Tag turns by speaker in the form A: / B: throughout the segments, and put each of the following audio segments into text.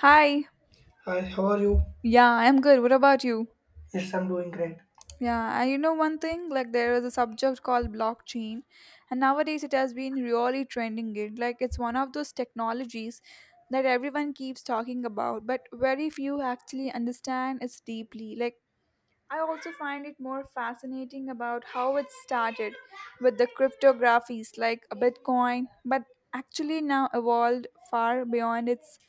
A: Hi.
B: Hi, how are you?
A: Yeah, I'm good. What about you?
B: Yes, I'm doing great.
A: Yeah, and you know one thing, like there is a subject called blockchain, and nowadays it has been really trending it. Like it's one of those technologies that everyone keeps talking about, but very few actually understand it deeply. Like I also find it more fascinating about how it started with the cryptographies like a Bitcoin, but actually now evolved far beyond its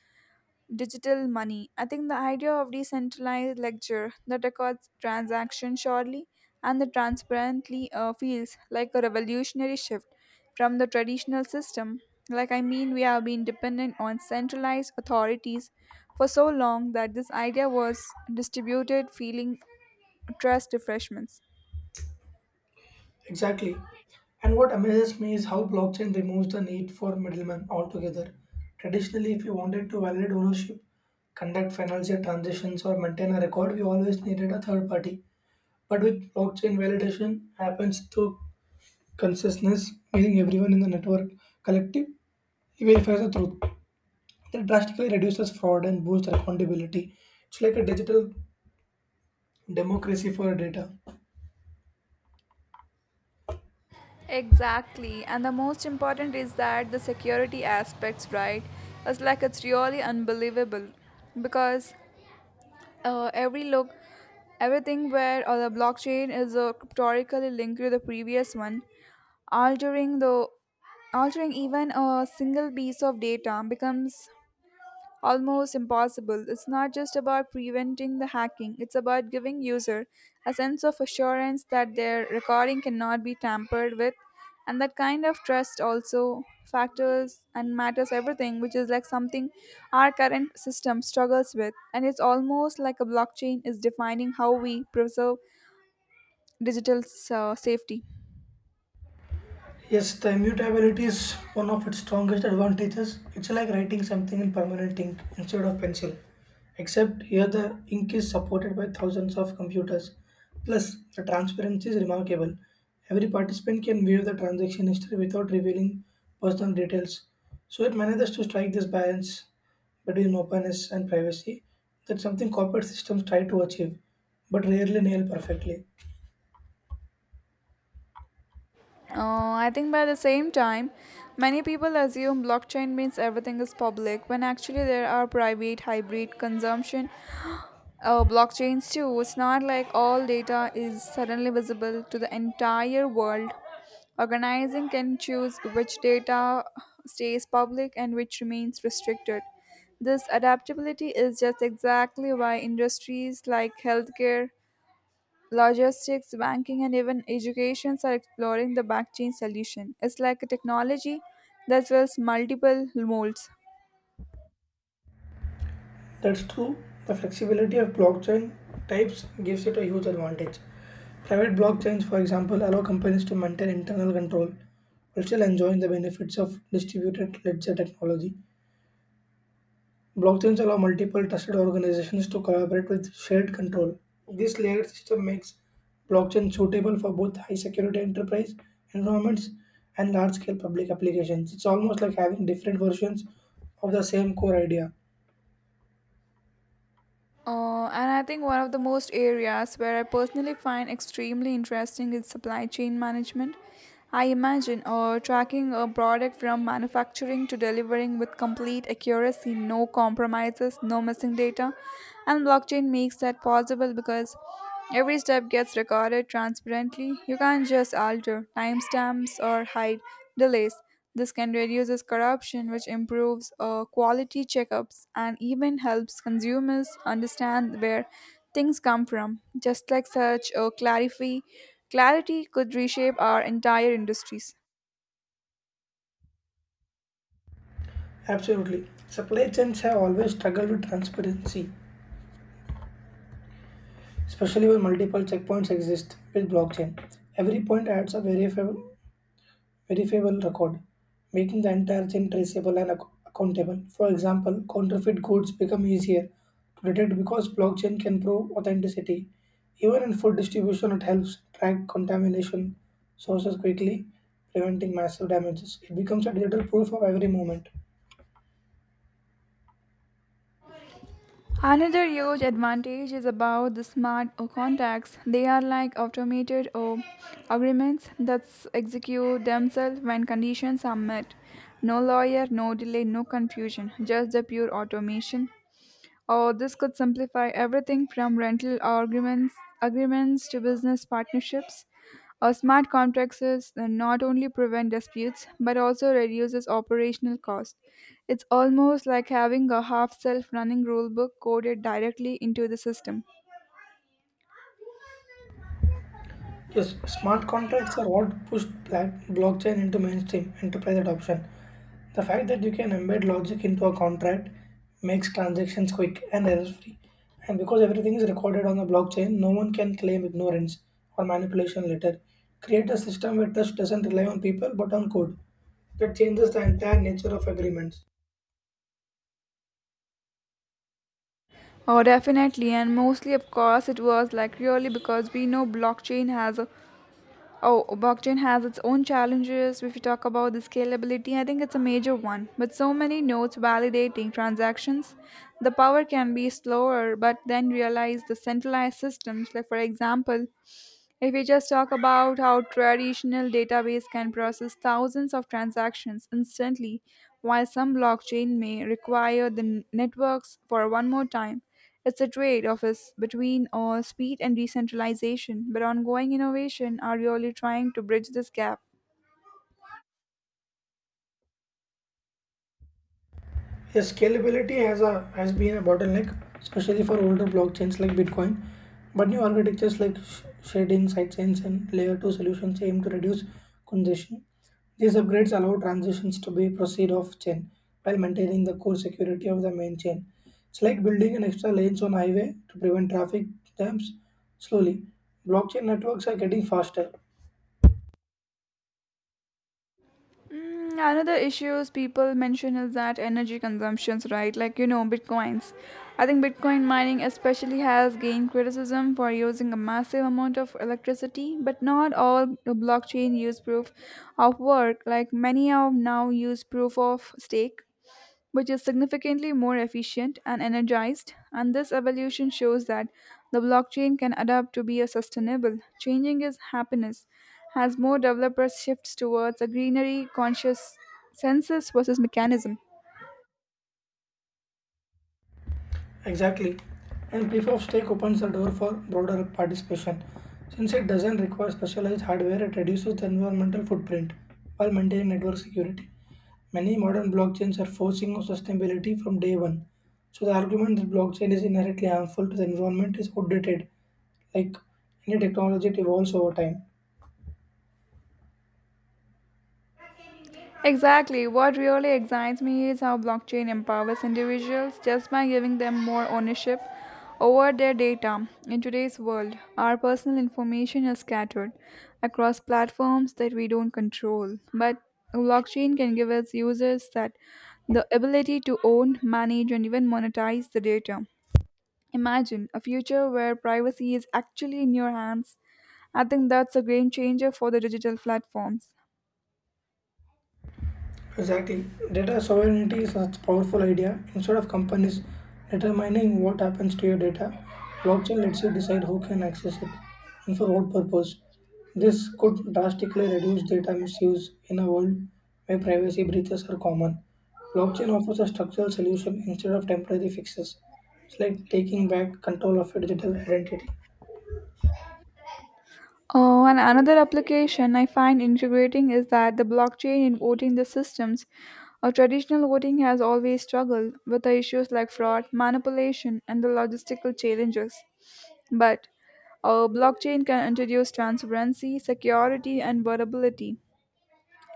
A: digital money. I think the idea of decentralized ledger that records transactions surely and the transparently feels like a revolutionary shift from the traditional system. Like I mean, we have been dependent on centralized authorities for so long that this idea was distributed, feeling trust refreshments.
B: Exactly. And what amazes me is how blockchain removes the need for middlemen altogether. Traditionally, if you wanted to validate ownership, conduct financial transactions, or maintain a record, we always needed a third party. But with blockchain, validation happens through consciousness, meaning everyone in the network collective verifies the truth. That drastically reduces fraud and boosts accountability. It's like a digital democracy for data.
A: Exactly, and the most important is that the security aspects, right? It's like it's really unbelievable because uh, every look Everything where the blockchain is cryptorically linked to the previous one, altering the altering even a single piece of data becomes almost impossible. It's not just about preventing the hacking, it's about giving user a sense of assurance that their recording cannot be tampered with. And that kind of trust also factors and matters everything, which is like something our current system struggles with. And it's almost like a blockchain is defining how we preserve digital safety.
B: Yes, the immutability is one of its strongest advantages. It's like writing something in permanent ink instead of pencil. Except here the ink is supported by thousands of computers. Plus, the transparency is remarkable. Every participant can view the transaction history without revealing personal details. So it manages to strike this balance between openness and privacy that something corporate systems try to achieve, but rarely nail perfectly.
A: I think by the same time, many people assume blockchain means everything is public when actually there are private, hybrid consumption blockchains too. It's not like all data is suddenly visible to the entire world. Organizing can choose which data stays public and which remains restricted. This adaptability is just exactly why industries like healthcare, logistics, banking, and even educations are exploring the blockchain solution. It's like a technology that fills multiple molds.
B: That's true. The flexibility of blockchain types gives it a huge advantage. Private blockchains, for example, allow companies to maintain internal control while still enjoying the benefits of distributed ledger technology. Blockchains allow multiple trusted organizations to collaborate with shared control. This layered system makes blockchain suitable for both high security enterprise environments and large scale public applications. It's almost like having different versions of the same core idea.
A: And I think one of the most areas where I personally find extremely interesting is supply chain management. I imagine tracking a product from manufacturing to delivering with complete accuracy, no compromises, no missing data. And blockchain makes that possible because every step gets recorded transparently. You can't just alter timestamps or hide delays. This can reduce corruption, which improves quality checkups and even helps consumers understand where things come from. Just like such, clarity could reshape our entire industries.
B: Absolutely. Supply chains have always struggled with transparency, especially when multiple checkpoints exist with blockchain. Every point adds a verifiable record, making the entire chain traceable and accountable. For example, counterfeit goods become easier to detect because blockchain can prove authenticity. Even in food distribution, it helps track contamination sources quickly, preventing massive damages. It becomes a digital proof of every moment.
A: Another huge advantage is about the smart contracts. They are like automated agreements that execute themselves when conditions are met. No lawyer, no delay, no confusion, just the pure automation. Oh, this could simplify everything from agreements to business partnerships. Or smart contracts is- not only prevent disputes but also reduces operational cost. It's almost like having a half-self-running rulebook coded directly into the system.
B: Yes, smart contracts are what pushed blockchain into mainstream enterprise adoption. The fact that you can embed logic into a contract makes transactions quick and error-free. And because everything is recorded on the blockchain, no one can claim ignorance or manipulation later. Create a system where trust doesn't rely on people but on code. That changes the entire nature of agreements.
A: Oh, definitely, and mostly, of course, it was like really because we know blockchain has a Oh, blockchain has its own challenges. If you talk about the scalability, I think it's a major one. With so many nodes validating transactions, the power can be slower, but then realize the centralized systems, like for example, if we just talk about how traditional database can process thousands of transactions instantly, while some blockchain may require the n- networks for one more time, it's a trade-off is between speed and decentralization. But ongoing innovation are really trying to bridge this gap.
B: Yeah, scalability has been a bottleneck, especially for older blockchains like Bitcoin. But new architectures like shading, sidechains, and layer two solutions aim to reduce congestion. These upgrades allow transitions to be proceed off chain while maintaining the core security of the main chain. It's like building an extra lanes on highway to prevent traffic jams slowly. Blockchain networks are getting faster.
A: Another issues people mention is that energy consumptions, right? Like you know, bitcoins. I think Bitcoin mining especially has gained criticism for using a massive amount of electricity, but not all blockchain use proof of work. Like many are now use proof of stake, which is significantly more efficient and energized. And this evolution shows that the blockchain can adapt to be a sustainable, changing its happiness as more developers shifts towards a greenery conscious census versus mechanism.
B: Exactly. And proof of stake opens the door for broader participation. Since it doesn't require specialized hardware, it reduces the environmental footprint while maintaining network security. Many modern blockchains are forcing on sustainability from day one. So the argument that blockchain is inherently harmful to the environment is outdated. Like any technology, it evolves over time.
A: Exactly. What really excites me is how blockchain empowers individuals just by giving them more ownership over their data. In today's world, our personal information is scattered across platforms that we don't control. But blockchain can give us users that the ability to own, manage, and even monetize the data. Imagine a future where privacy is actually in your hands. I think that's a game changer for the digital platforms.
B: Exactly. Data sovereignty is such a powerful idea. Instead of companies determining what happens to your data, blockchain lets you decide who can access it and for what purpose. This could drastically reduce data misuse in a world where privacy breaches are common. Blockchain offers a structural solution instead of temporary fixes. It's like taking back control of your digital identity.
A: Oh, and another application I find integrating is that the blockchain in voting the systems. Our traditional voting has always struggled with the issues like fraud, manipulation, and the logistical challenges. But our blockchain can introduce transparency, security, and vulnerability.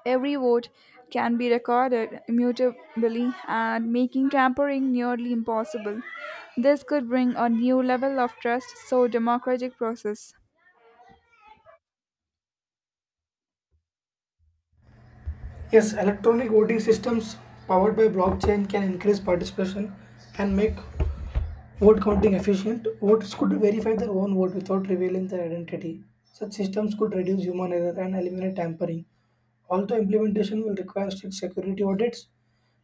A: Every vote can be recorded immutably and making tampering nearly impossible. This could bring a new level of trust so democratic process.
B: Yes, electronic voting systems powered by blockchain can increase participation and make vote counting efficient. Voters could verify their own vote without revealing their identity. Such systems could reduce human error and eliminate tampering. Although implementation will require strict security audits,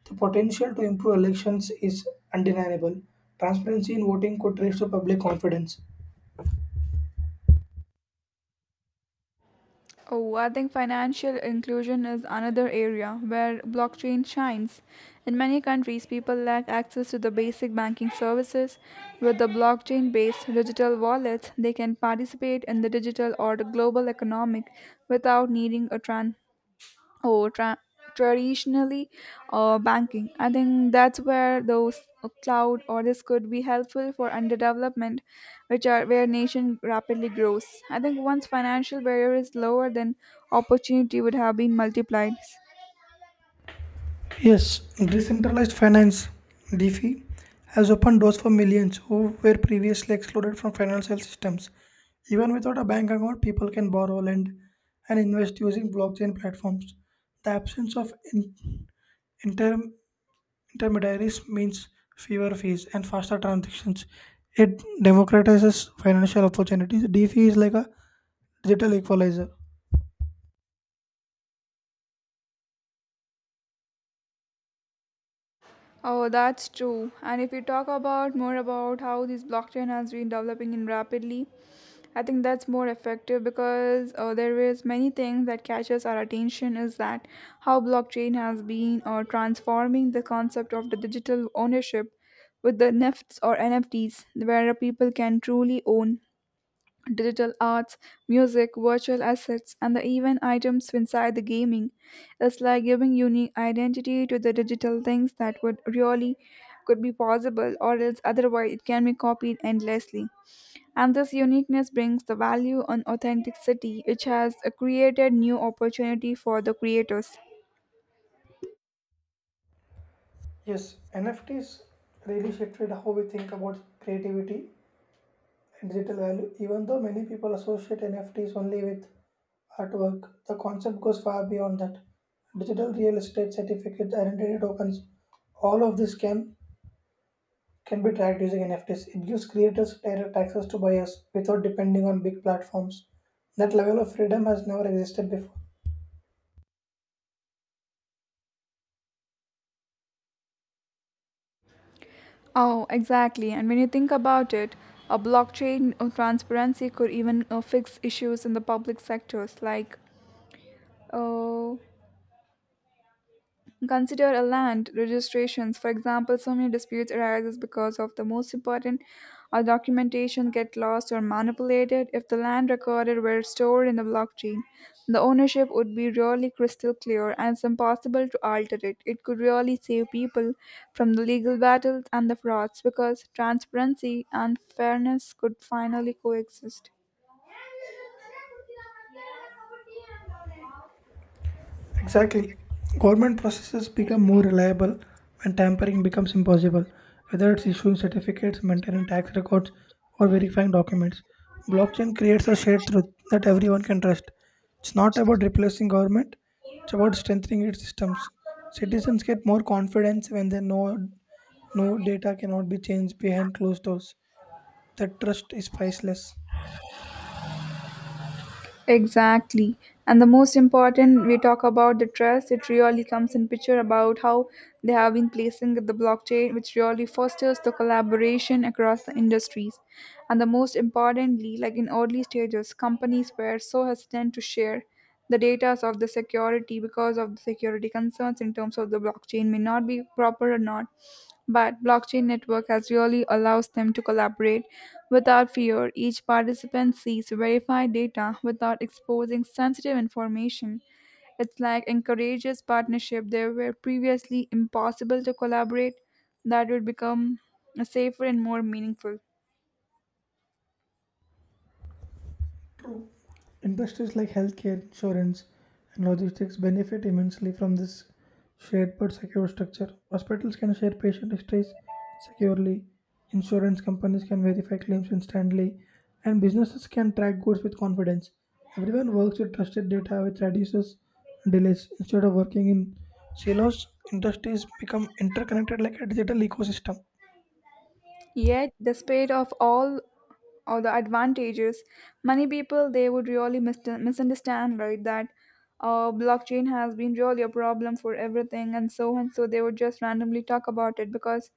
B: the potential to improve elections is undeniable. Transparency in voting could raise to public confidence.
A: Oh, I think financial inclusion is another area where blockchain shines. In many countries, people lack access to the basic banking services. With the blockchain based digital wallets, they can participate in the digital or the global economic without needing a oh tra- traditionally banking. I think that's where those cloud orders could be helpful for underdevelopment which are where nation rapidly grows. I think once financial barrier is lower then opportunity would have been multiplied.
B: Yes, decentralized finance (DeFi) has opened doors for millions who were previously excluded from financial systems. Even without a bank account, people can borrow, lend, and invest using blockchain platforms. The absence of inter- intermediaries means fewer fees and faster transactions. It democratizes financial opportunities. DeFi is like a digital equalizer.
A: Oh, that's true. And if we talk about more about how this blockchain has been developing in rapidly, I think that's more effective because there is many things that catches our attention is that how blockchain has been transforming the concept of the digital ownership with the NFTs, where people can truly own digital arts, music, virtual assets, and the even items inside the gaming. It's like giving unique identity to the digital things that would really could be possible or else otherwise it can be copied endlessly. And this uniqueness brings the value on authenticity, which has created new opportunity for the creators.
B: Yes, NFTs really shifted how we think about creativity digital value. Even though many people associate NFTs only with artwork, the concept goes far beyond that. Digital real estate certificates, identity tokens, all of this can be tracked using NFTs. It gives creators direct access to buyers without depending on big platforms. That level of freedom has never existed before.
A: Oh, exactly. And when you think about it, a blockchain transparency could even fix issues in the public sectors like uh, consider a land registrations. For example, so many disputes arises because of the most important documentation get lost or manipulated. If the land recorded were stored in the blockchain, the ownership would be really crystal clear and it's impossible to alter it. It could really save people from the legal battles and the frauds because transparency and fairness could finally coexist.
B: Exactly. Government processes become more reliable when tampering becomes impossible, whether it's issuing certificates, maintaining tax records, or verifying documents. Blockchain creates a shared truth that everyone can trust. It's not about replacing government, it's about strengthening its systems. Citizens get more confidence when they know no data cannot be changed behind closed doors. That trust is priceless.
A: Exactly. And the most important, we talk about the trust. It really comes in picture about how they have been placing the blockchain, which really fosters the collaboration across the industries. And the most importantly, like in early stages, companies were so hesitant to share the data of the security because of the security concerns in terms of the blockchain may not be proper or not. But blockchain network has really allows them to collaborate without fear. Each participant sees verified data without exposing sensitive information. It's like encourages partnership there were previously impossible to collaborate that would become safer and more meaningful.
B: True. Industries like healthcare, insurance, and logistics benefit immensely from this shared but secure structure. Hospitals can share patient histories securely, insurance companies can verify claims instantly, and businesses can track goods with confidence. Everyone works with trusted data, which reduces delays. Instead of working in silos, industries become interconnected like a digital ecosystem.
A: Yet, despite of all of the advantages, many people they would really mis- misunderstand right that blockchain has been really a problem for everything and so they would just randomly talk about it because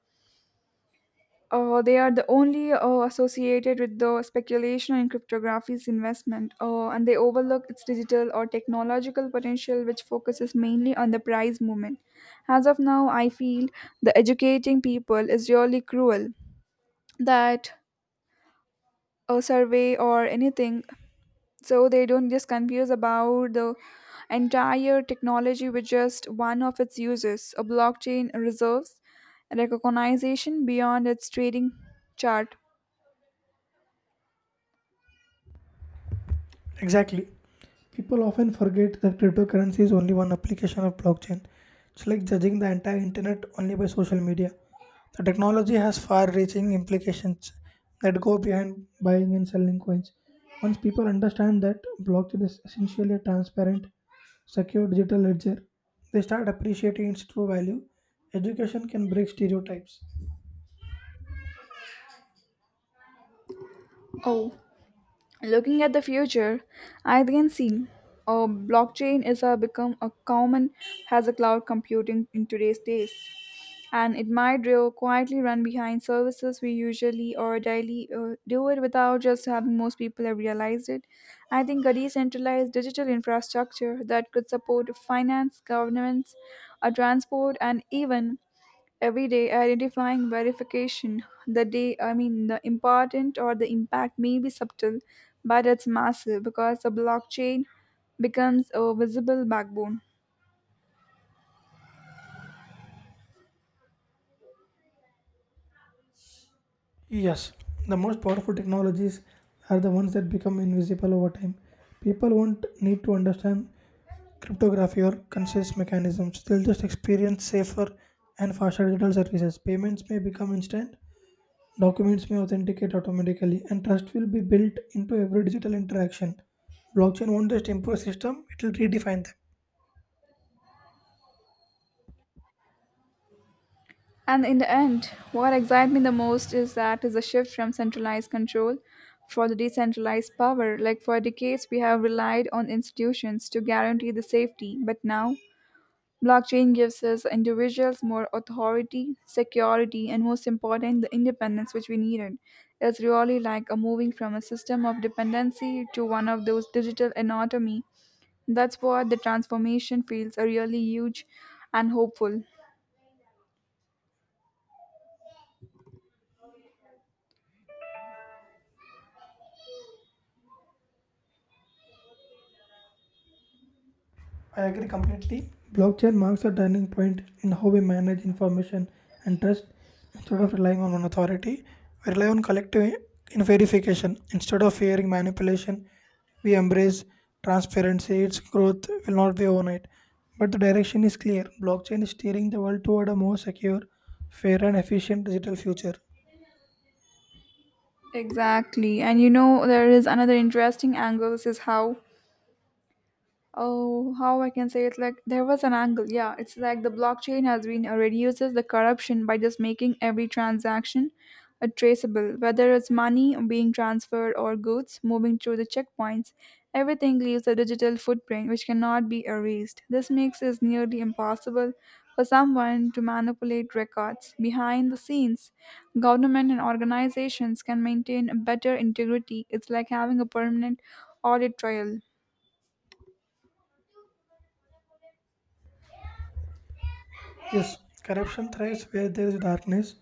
A: they are the only associated with the speculation in cryptography's investment and they overlook its digital or technological potential which focuses mainly on the price movement. As of now I feel the educating people is really cruel, that a survey or anything, so they don't just confuse about the entire technology with just one of its uses. A blockchain reserves recognition beyond its trading chart.
B: Exactly. People often forget that cryptocurrency is only one application of blockchain. It's like judging the entire internet only by social media. The technology has far reaching implications that go behind buying and selling coins. Once people understand that blockchain is essentially a transparent, secure digital ledger, they start appreciating its true value. Education can break stereotypes.
A: Oh, looking at the future I can see a blockchain is a become a common as a cloud computing in today's days, and it might grow quietly run behind services we usually or daily do it without just having most people have realized it. I think a decentralized digital infrastructure that could support finance governance, transport and even everyday identifying verification the day. I mean the important or the impact may be subtle, but it's massive because the blockchain becomes a visible backbone.
B: Yes, the most powerful technologies are the ones that become invisible over time. People won't need to understand cryptography or consensus mechanisms. They'll just experience safer and faster digital services. Payments may become instant, documents may authenticate automatically, and trust will be built into every digital interaction. Blockchain won't just improve system, it will redefine them.
A: And in the end, what excites me the most is that is a shift from centralized control for the decentralized power. Like for decades, we have relied on institutions to guarantee the safety, but now blockchain gives us individuals more authority, security, and most important, the independence which we needed. It's really like a moving from a system of dependency to one of those digital anatomy. That's what the transformation feels are really huge and hopeful.
B: I agree completely. Blockchain marks a turning point in how we manage information and trust instead of relying on one authority. We rely on collective in verification. Instead of fearing manipulation, we embrace transparency. Its growth will not be overnight. But the direction is clear. Blockchain is steering the world toward a more secure, fair, and efficient digital future.
A: Exactly. And you know, there is another interesting angle. This is how, oh how I can say it like there was an angle yeah, it's like the blockchain has been reduces the corruption by just making every transaction traceable, whether it's money being transferred or goods moving through the checkpoints. Everything leaves a digital footprint which cannot be erased. This makes it nearly impossible for someone to manipulate records behind the scenes. Government and organizations can maintain a better integrity. It's like having a permanent audit trail.
B: Yes, corruption thrives where there is darkness,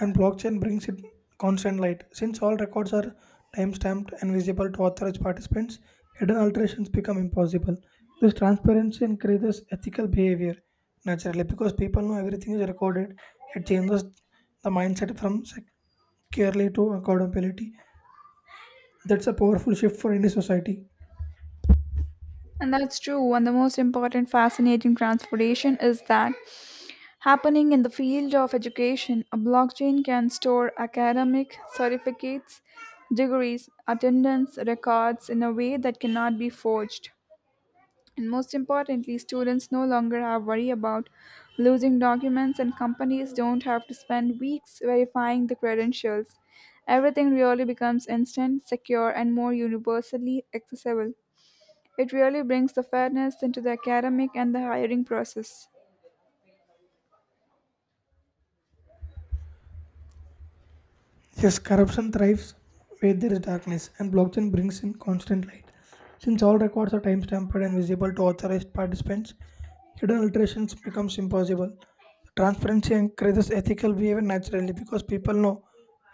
B: and blockchain brings it constant light. Since all records are timestamped and visible to authorized participants, hidden alterations become impossible. This transparency increases ethical behavior naturally because people know everything is recorded. It changes the mindset from securely to accountability. That's a powerful shift for any society.
A: And that's true. And the most important fascinating transformation is that happening in the field of education, a blockchain can store academic certificates, degrees, attendance records in a way that cannot be forged. And most importantly, students no longer have worry about losing documents and companies don't have to spend weeks verifying the credentials. Everything really becomes instant, secure, and more universally accessible. It really brings the fairness into the academic and the hiring process.
B: Yes, corruption thrives where there is darkness, and blockchain brings in constant light. Since all records are time stamped and visible to authorized participants, hidden alterations becomes impossible. Transparency encourages ethical behavior naturally because people know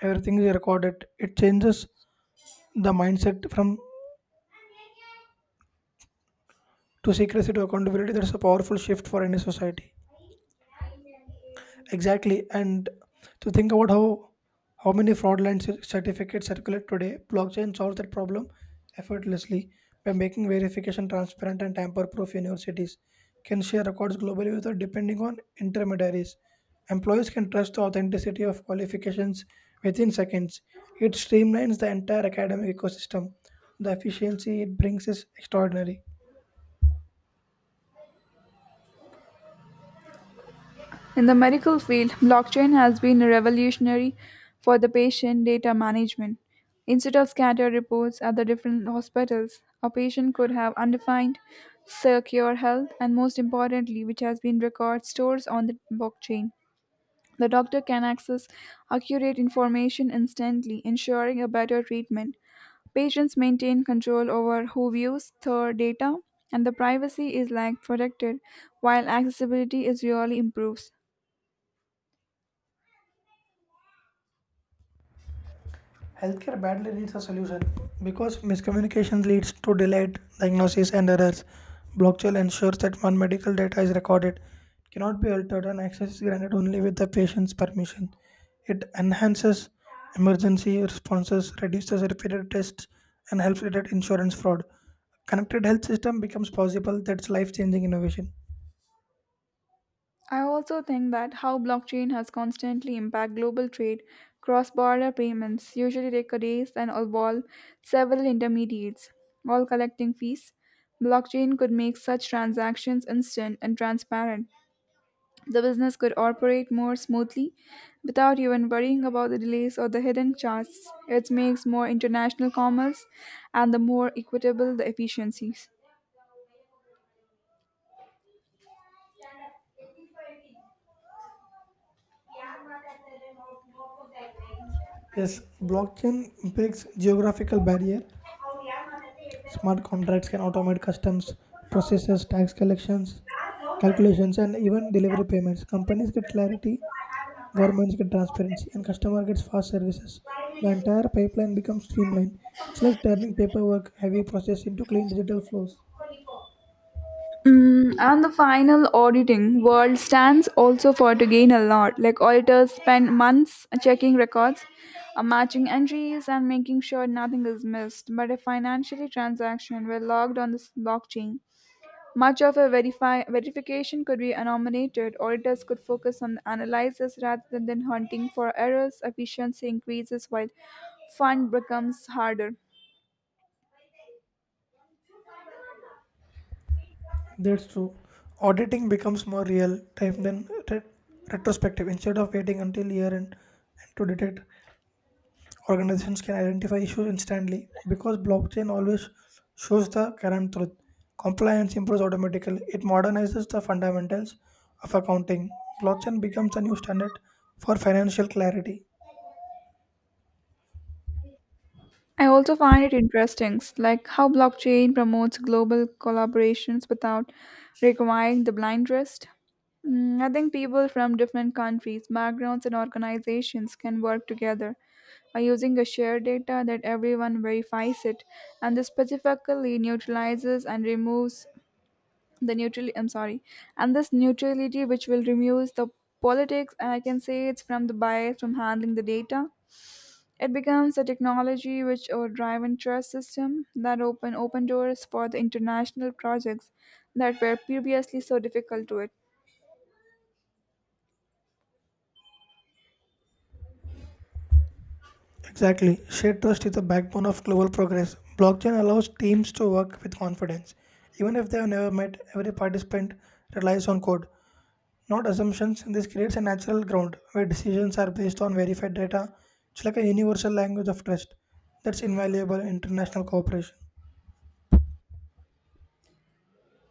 B: everything is recorded. It changes the mindset from to secrecy to accountability. That's a powerful shift for any society. Exactly. And to think about how many fraudulent certificates circulate today, blockchain solves that problem effortlessly by making verification transparent and tamper-proof. Universities can share records globally without depending on intermediaries. Employees can trust the authenticity of qualifications within seconds. It streamlines the entire academic ecosystem. The efficiency it brings is extraordinary.
A: In the medical field, blockchain has been revolutionary for the patient data management. Instead of scattered reports at the different hospitals, a patient could have undefined, secure health, and most importantly, which has been record stores on the blockchain. The doctor can access accurate information instantly, ensuring a better treatment. Patients maintain control over who views their data, and the privacy is like protected, while accessibility is really improves.
B: Healthcare badly needs a solution because miscommunication leads to delayed diagnosis and errors. Blockchain ensures that one medical data is recorded, cannot be altered, and access is granted only with the patient's permission. It enhances emergency responses, reduces repeated tests, and helps detect insurance fraud. Connected health system becomes possible. That's life-changing innovation.
A: I also think that how blockchain has constantly impacted global trade, cross-border payments usually take days and involve several intermediates, all collecting fees. Blockchain could make such transactions instant and transparent. The business could operate more smoothly without even worrying about the delays or the hidden charges. It makes more international commerce and the more equitable the efficiencies.
B: Yes, blockchain breaks geographical barrier. Smart contracts can automate customs processes, tax collections, calculations, and even delivery payments. Companies get clarity, governments get transparency, and customer gets fast services. The entire pipeline becomes streamlined. It's like turning paperwork, heavy process into clean digital flows.
A: And the final auditing world stands also for to gain a lot. Like auditors spend months checking records, matching entries, and making sure nothing is missed. But if financial transaction were logged on the blockchain, much of a verification could be anonymized. Auditors could focus on analysis rather than hunting for errors. Efficiency increases while fun becomes harder.
B: That's true. Auditing becomes more real time than retrospective. Instead of waiting until year end and to detect organizations can identify issues instantly because blockchain always shows the current truth. Compliance improves automatically. It modernizes the fundamentals of accounting. Blockchain becomes a new standard for financial clarity.
A: I also find it interesting, like how blockchain promotes global collaborations without requiring the blind trust. I think people from different countries, backgrounds, and organizations can work together by using a shared data that everyone verifies it, and this specifically neutralizes and removes the neutral. I'm sorry, and this neutrality which will remove the politics, and I can say it's from the bias from handling the data. It becomes a technology which drive and trust system that open doors for the international projects that were previously so difficult to it.
B: Exactly. Shared trust is the backbone of global progress. Blockchain allows teams to work with confidence. Even if they have never met, every participant relies on code, not assumptions. This creates a natural ground where decisions are based on verified data. It's like a universal language of trust that's invaluable in international cooperation.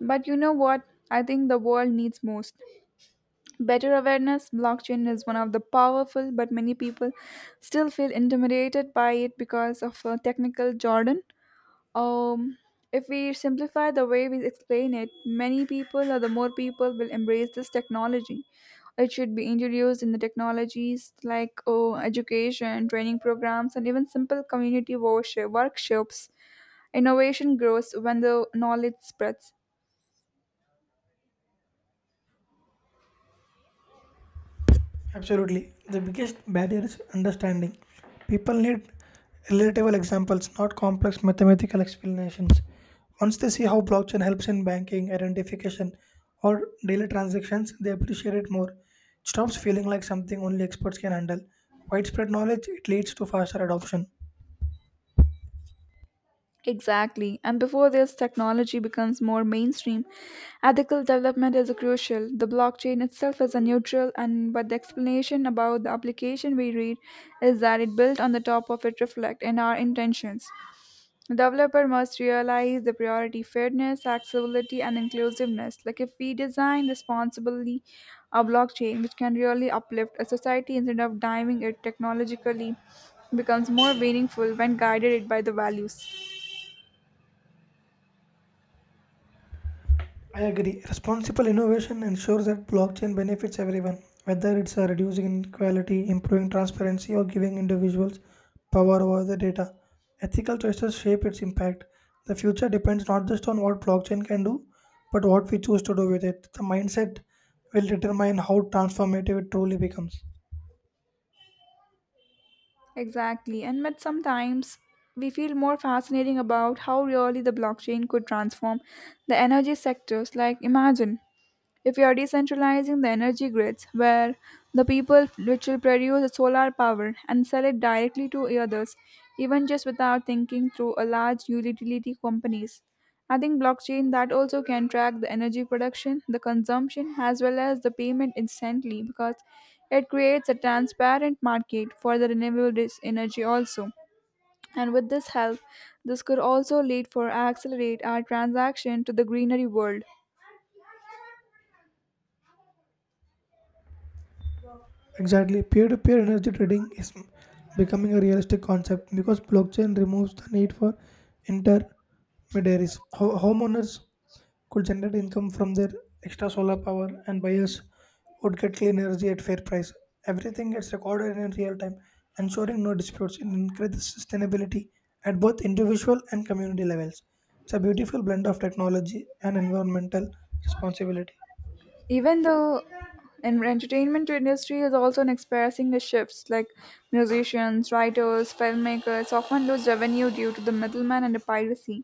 A: But you know what? I think the world needs most better awareness. Blockchain is one of the powerful, but many people still feel intimidated by it because of a technical jargon. Um, if we simplify the way we explain it, many people or the more people will embrace this technology. It should be introduced in the technologies like oh, education, training programs, and even simple community worship, workshops. Innovation grows when the knowledge spreads.
B: Absolutely. The biggest barrier is understanding. People need relatable examples, not complex mathematical explanations. Once they see how blockchain helps in banking, identification, or daily transactions, they appreciate it more. It stops feeling like something only experts can handle. Widespread knowledge, it leads to faster adoption.
A: Exactly. And before this technology becomes more mainstream, ethical development is crucial. The blockchain itself is a neutral and but the explanation about the application we read is that it built on the top of it reflect in our intentions. Developer must realize the priority fairness, accessibility and inclusiveness. Like if we design responsibly a blockchain which can really uplift a society instead of diving it technologically becomes more meaningful when guided it by the values.
B: I agree. Responsible innovation ensures that blockchain benefits everyone, whether it's reducing inequality, improving transparency, or giving individuals power over the data. Ethical choices shape its impact. The future depends not just on what blockchain can do, but what we choose to do with it. The mindset will determine how transformative it truly becomes.
A: Exactly. And but sometimes we feel more fascinating about how really the blockchain could transform the energy sectors. Like imagine if you are decentralizing the energy grids where the people which will produce the solar power and sell it directly to others, even just without thinking through a large utility companies. I think blockchain that also can track the energy production, the consumption, as well as the payment instantly because it creates a transparent market for the renewable energy also. And with this help, this could also lead for accelerate our transaction to the greenery world.
B: Exactly. Peer to peer energy trading is becoming a realistic concept because blockchain removes the need for intermediaries. Homeowners could generate income from their extra solar power, and buyers would get clean energy at fair price. Everything gets recorded in real time, ensuring no disputes and increases sustainability at both individual and community levels. It's a beautiful blend of technology and environmental responsibility.
A: Even though and entertainment industry is also experiencing the shifts like musicians, writers, filmmakers often lose revenue due to the middleman and the piracy,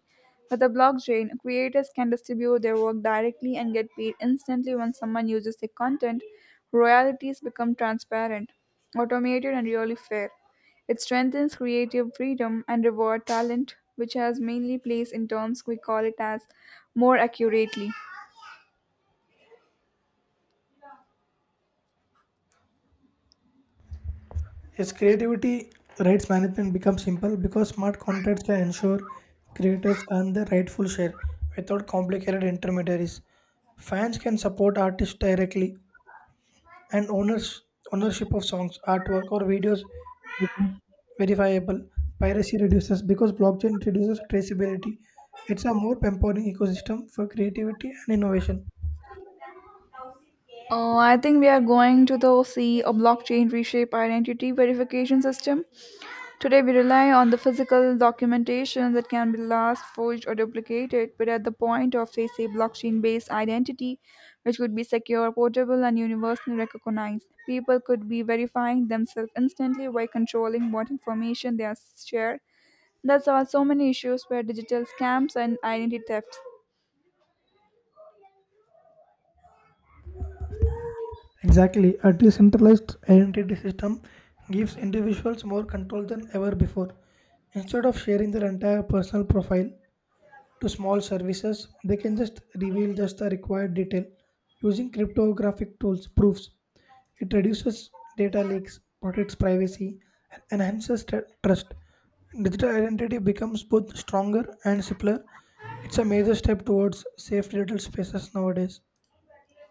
A: with the blockchain creators can distribute their work directly and get paid instantly when someone uses their content. Royalties become transparent, automated, and really fair. It strengthens creative freedom and reward talent which has mainly placed in terms we call it as more accurately.
B: Its creativity rights management becomes simple because smart contracts can ensure creators earn their rightful share without complicated intermediaries. Fans can support artists directly and ownership of songs, artwork, or videos become verifiable. Piracy reduces because blockchain reduces traceability. It's a more empowering ecosystem for creativity and innovation.
A: Oh, I think we are going to the see a blockchain reshape identity verification system. Today we rely on the physical documentation that can be lost, forged, or duplicated, but at the point of say blockchain-based identity, which could be secure, portable, and universally recognized, people could be verifying themselves instantly by controlling what information they are shared. That's why so many issues where digital scams and identity theft.
B: Exactly, a decentralized identity system gives individuals more control than ever before. Instead of sharing their entire personal profile, to small services, they can just reveal just the required detail using cryptographic tools proofs. It reduces data leaks, protects privacy, and enhances trust. Digital identity becomes both stronger and simpler. It's a major step towards safe digital spaces nowadays.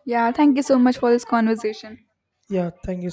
A: Yeah, thank you so much for this conversation.
B: Yeah, thank you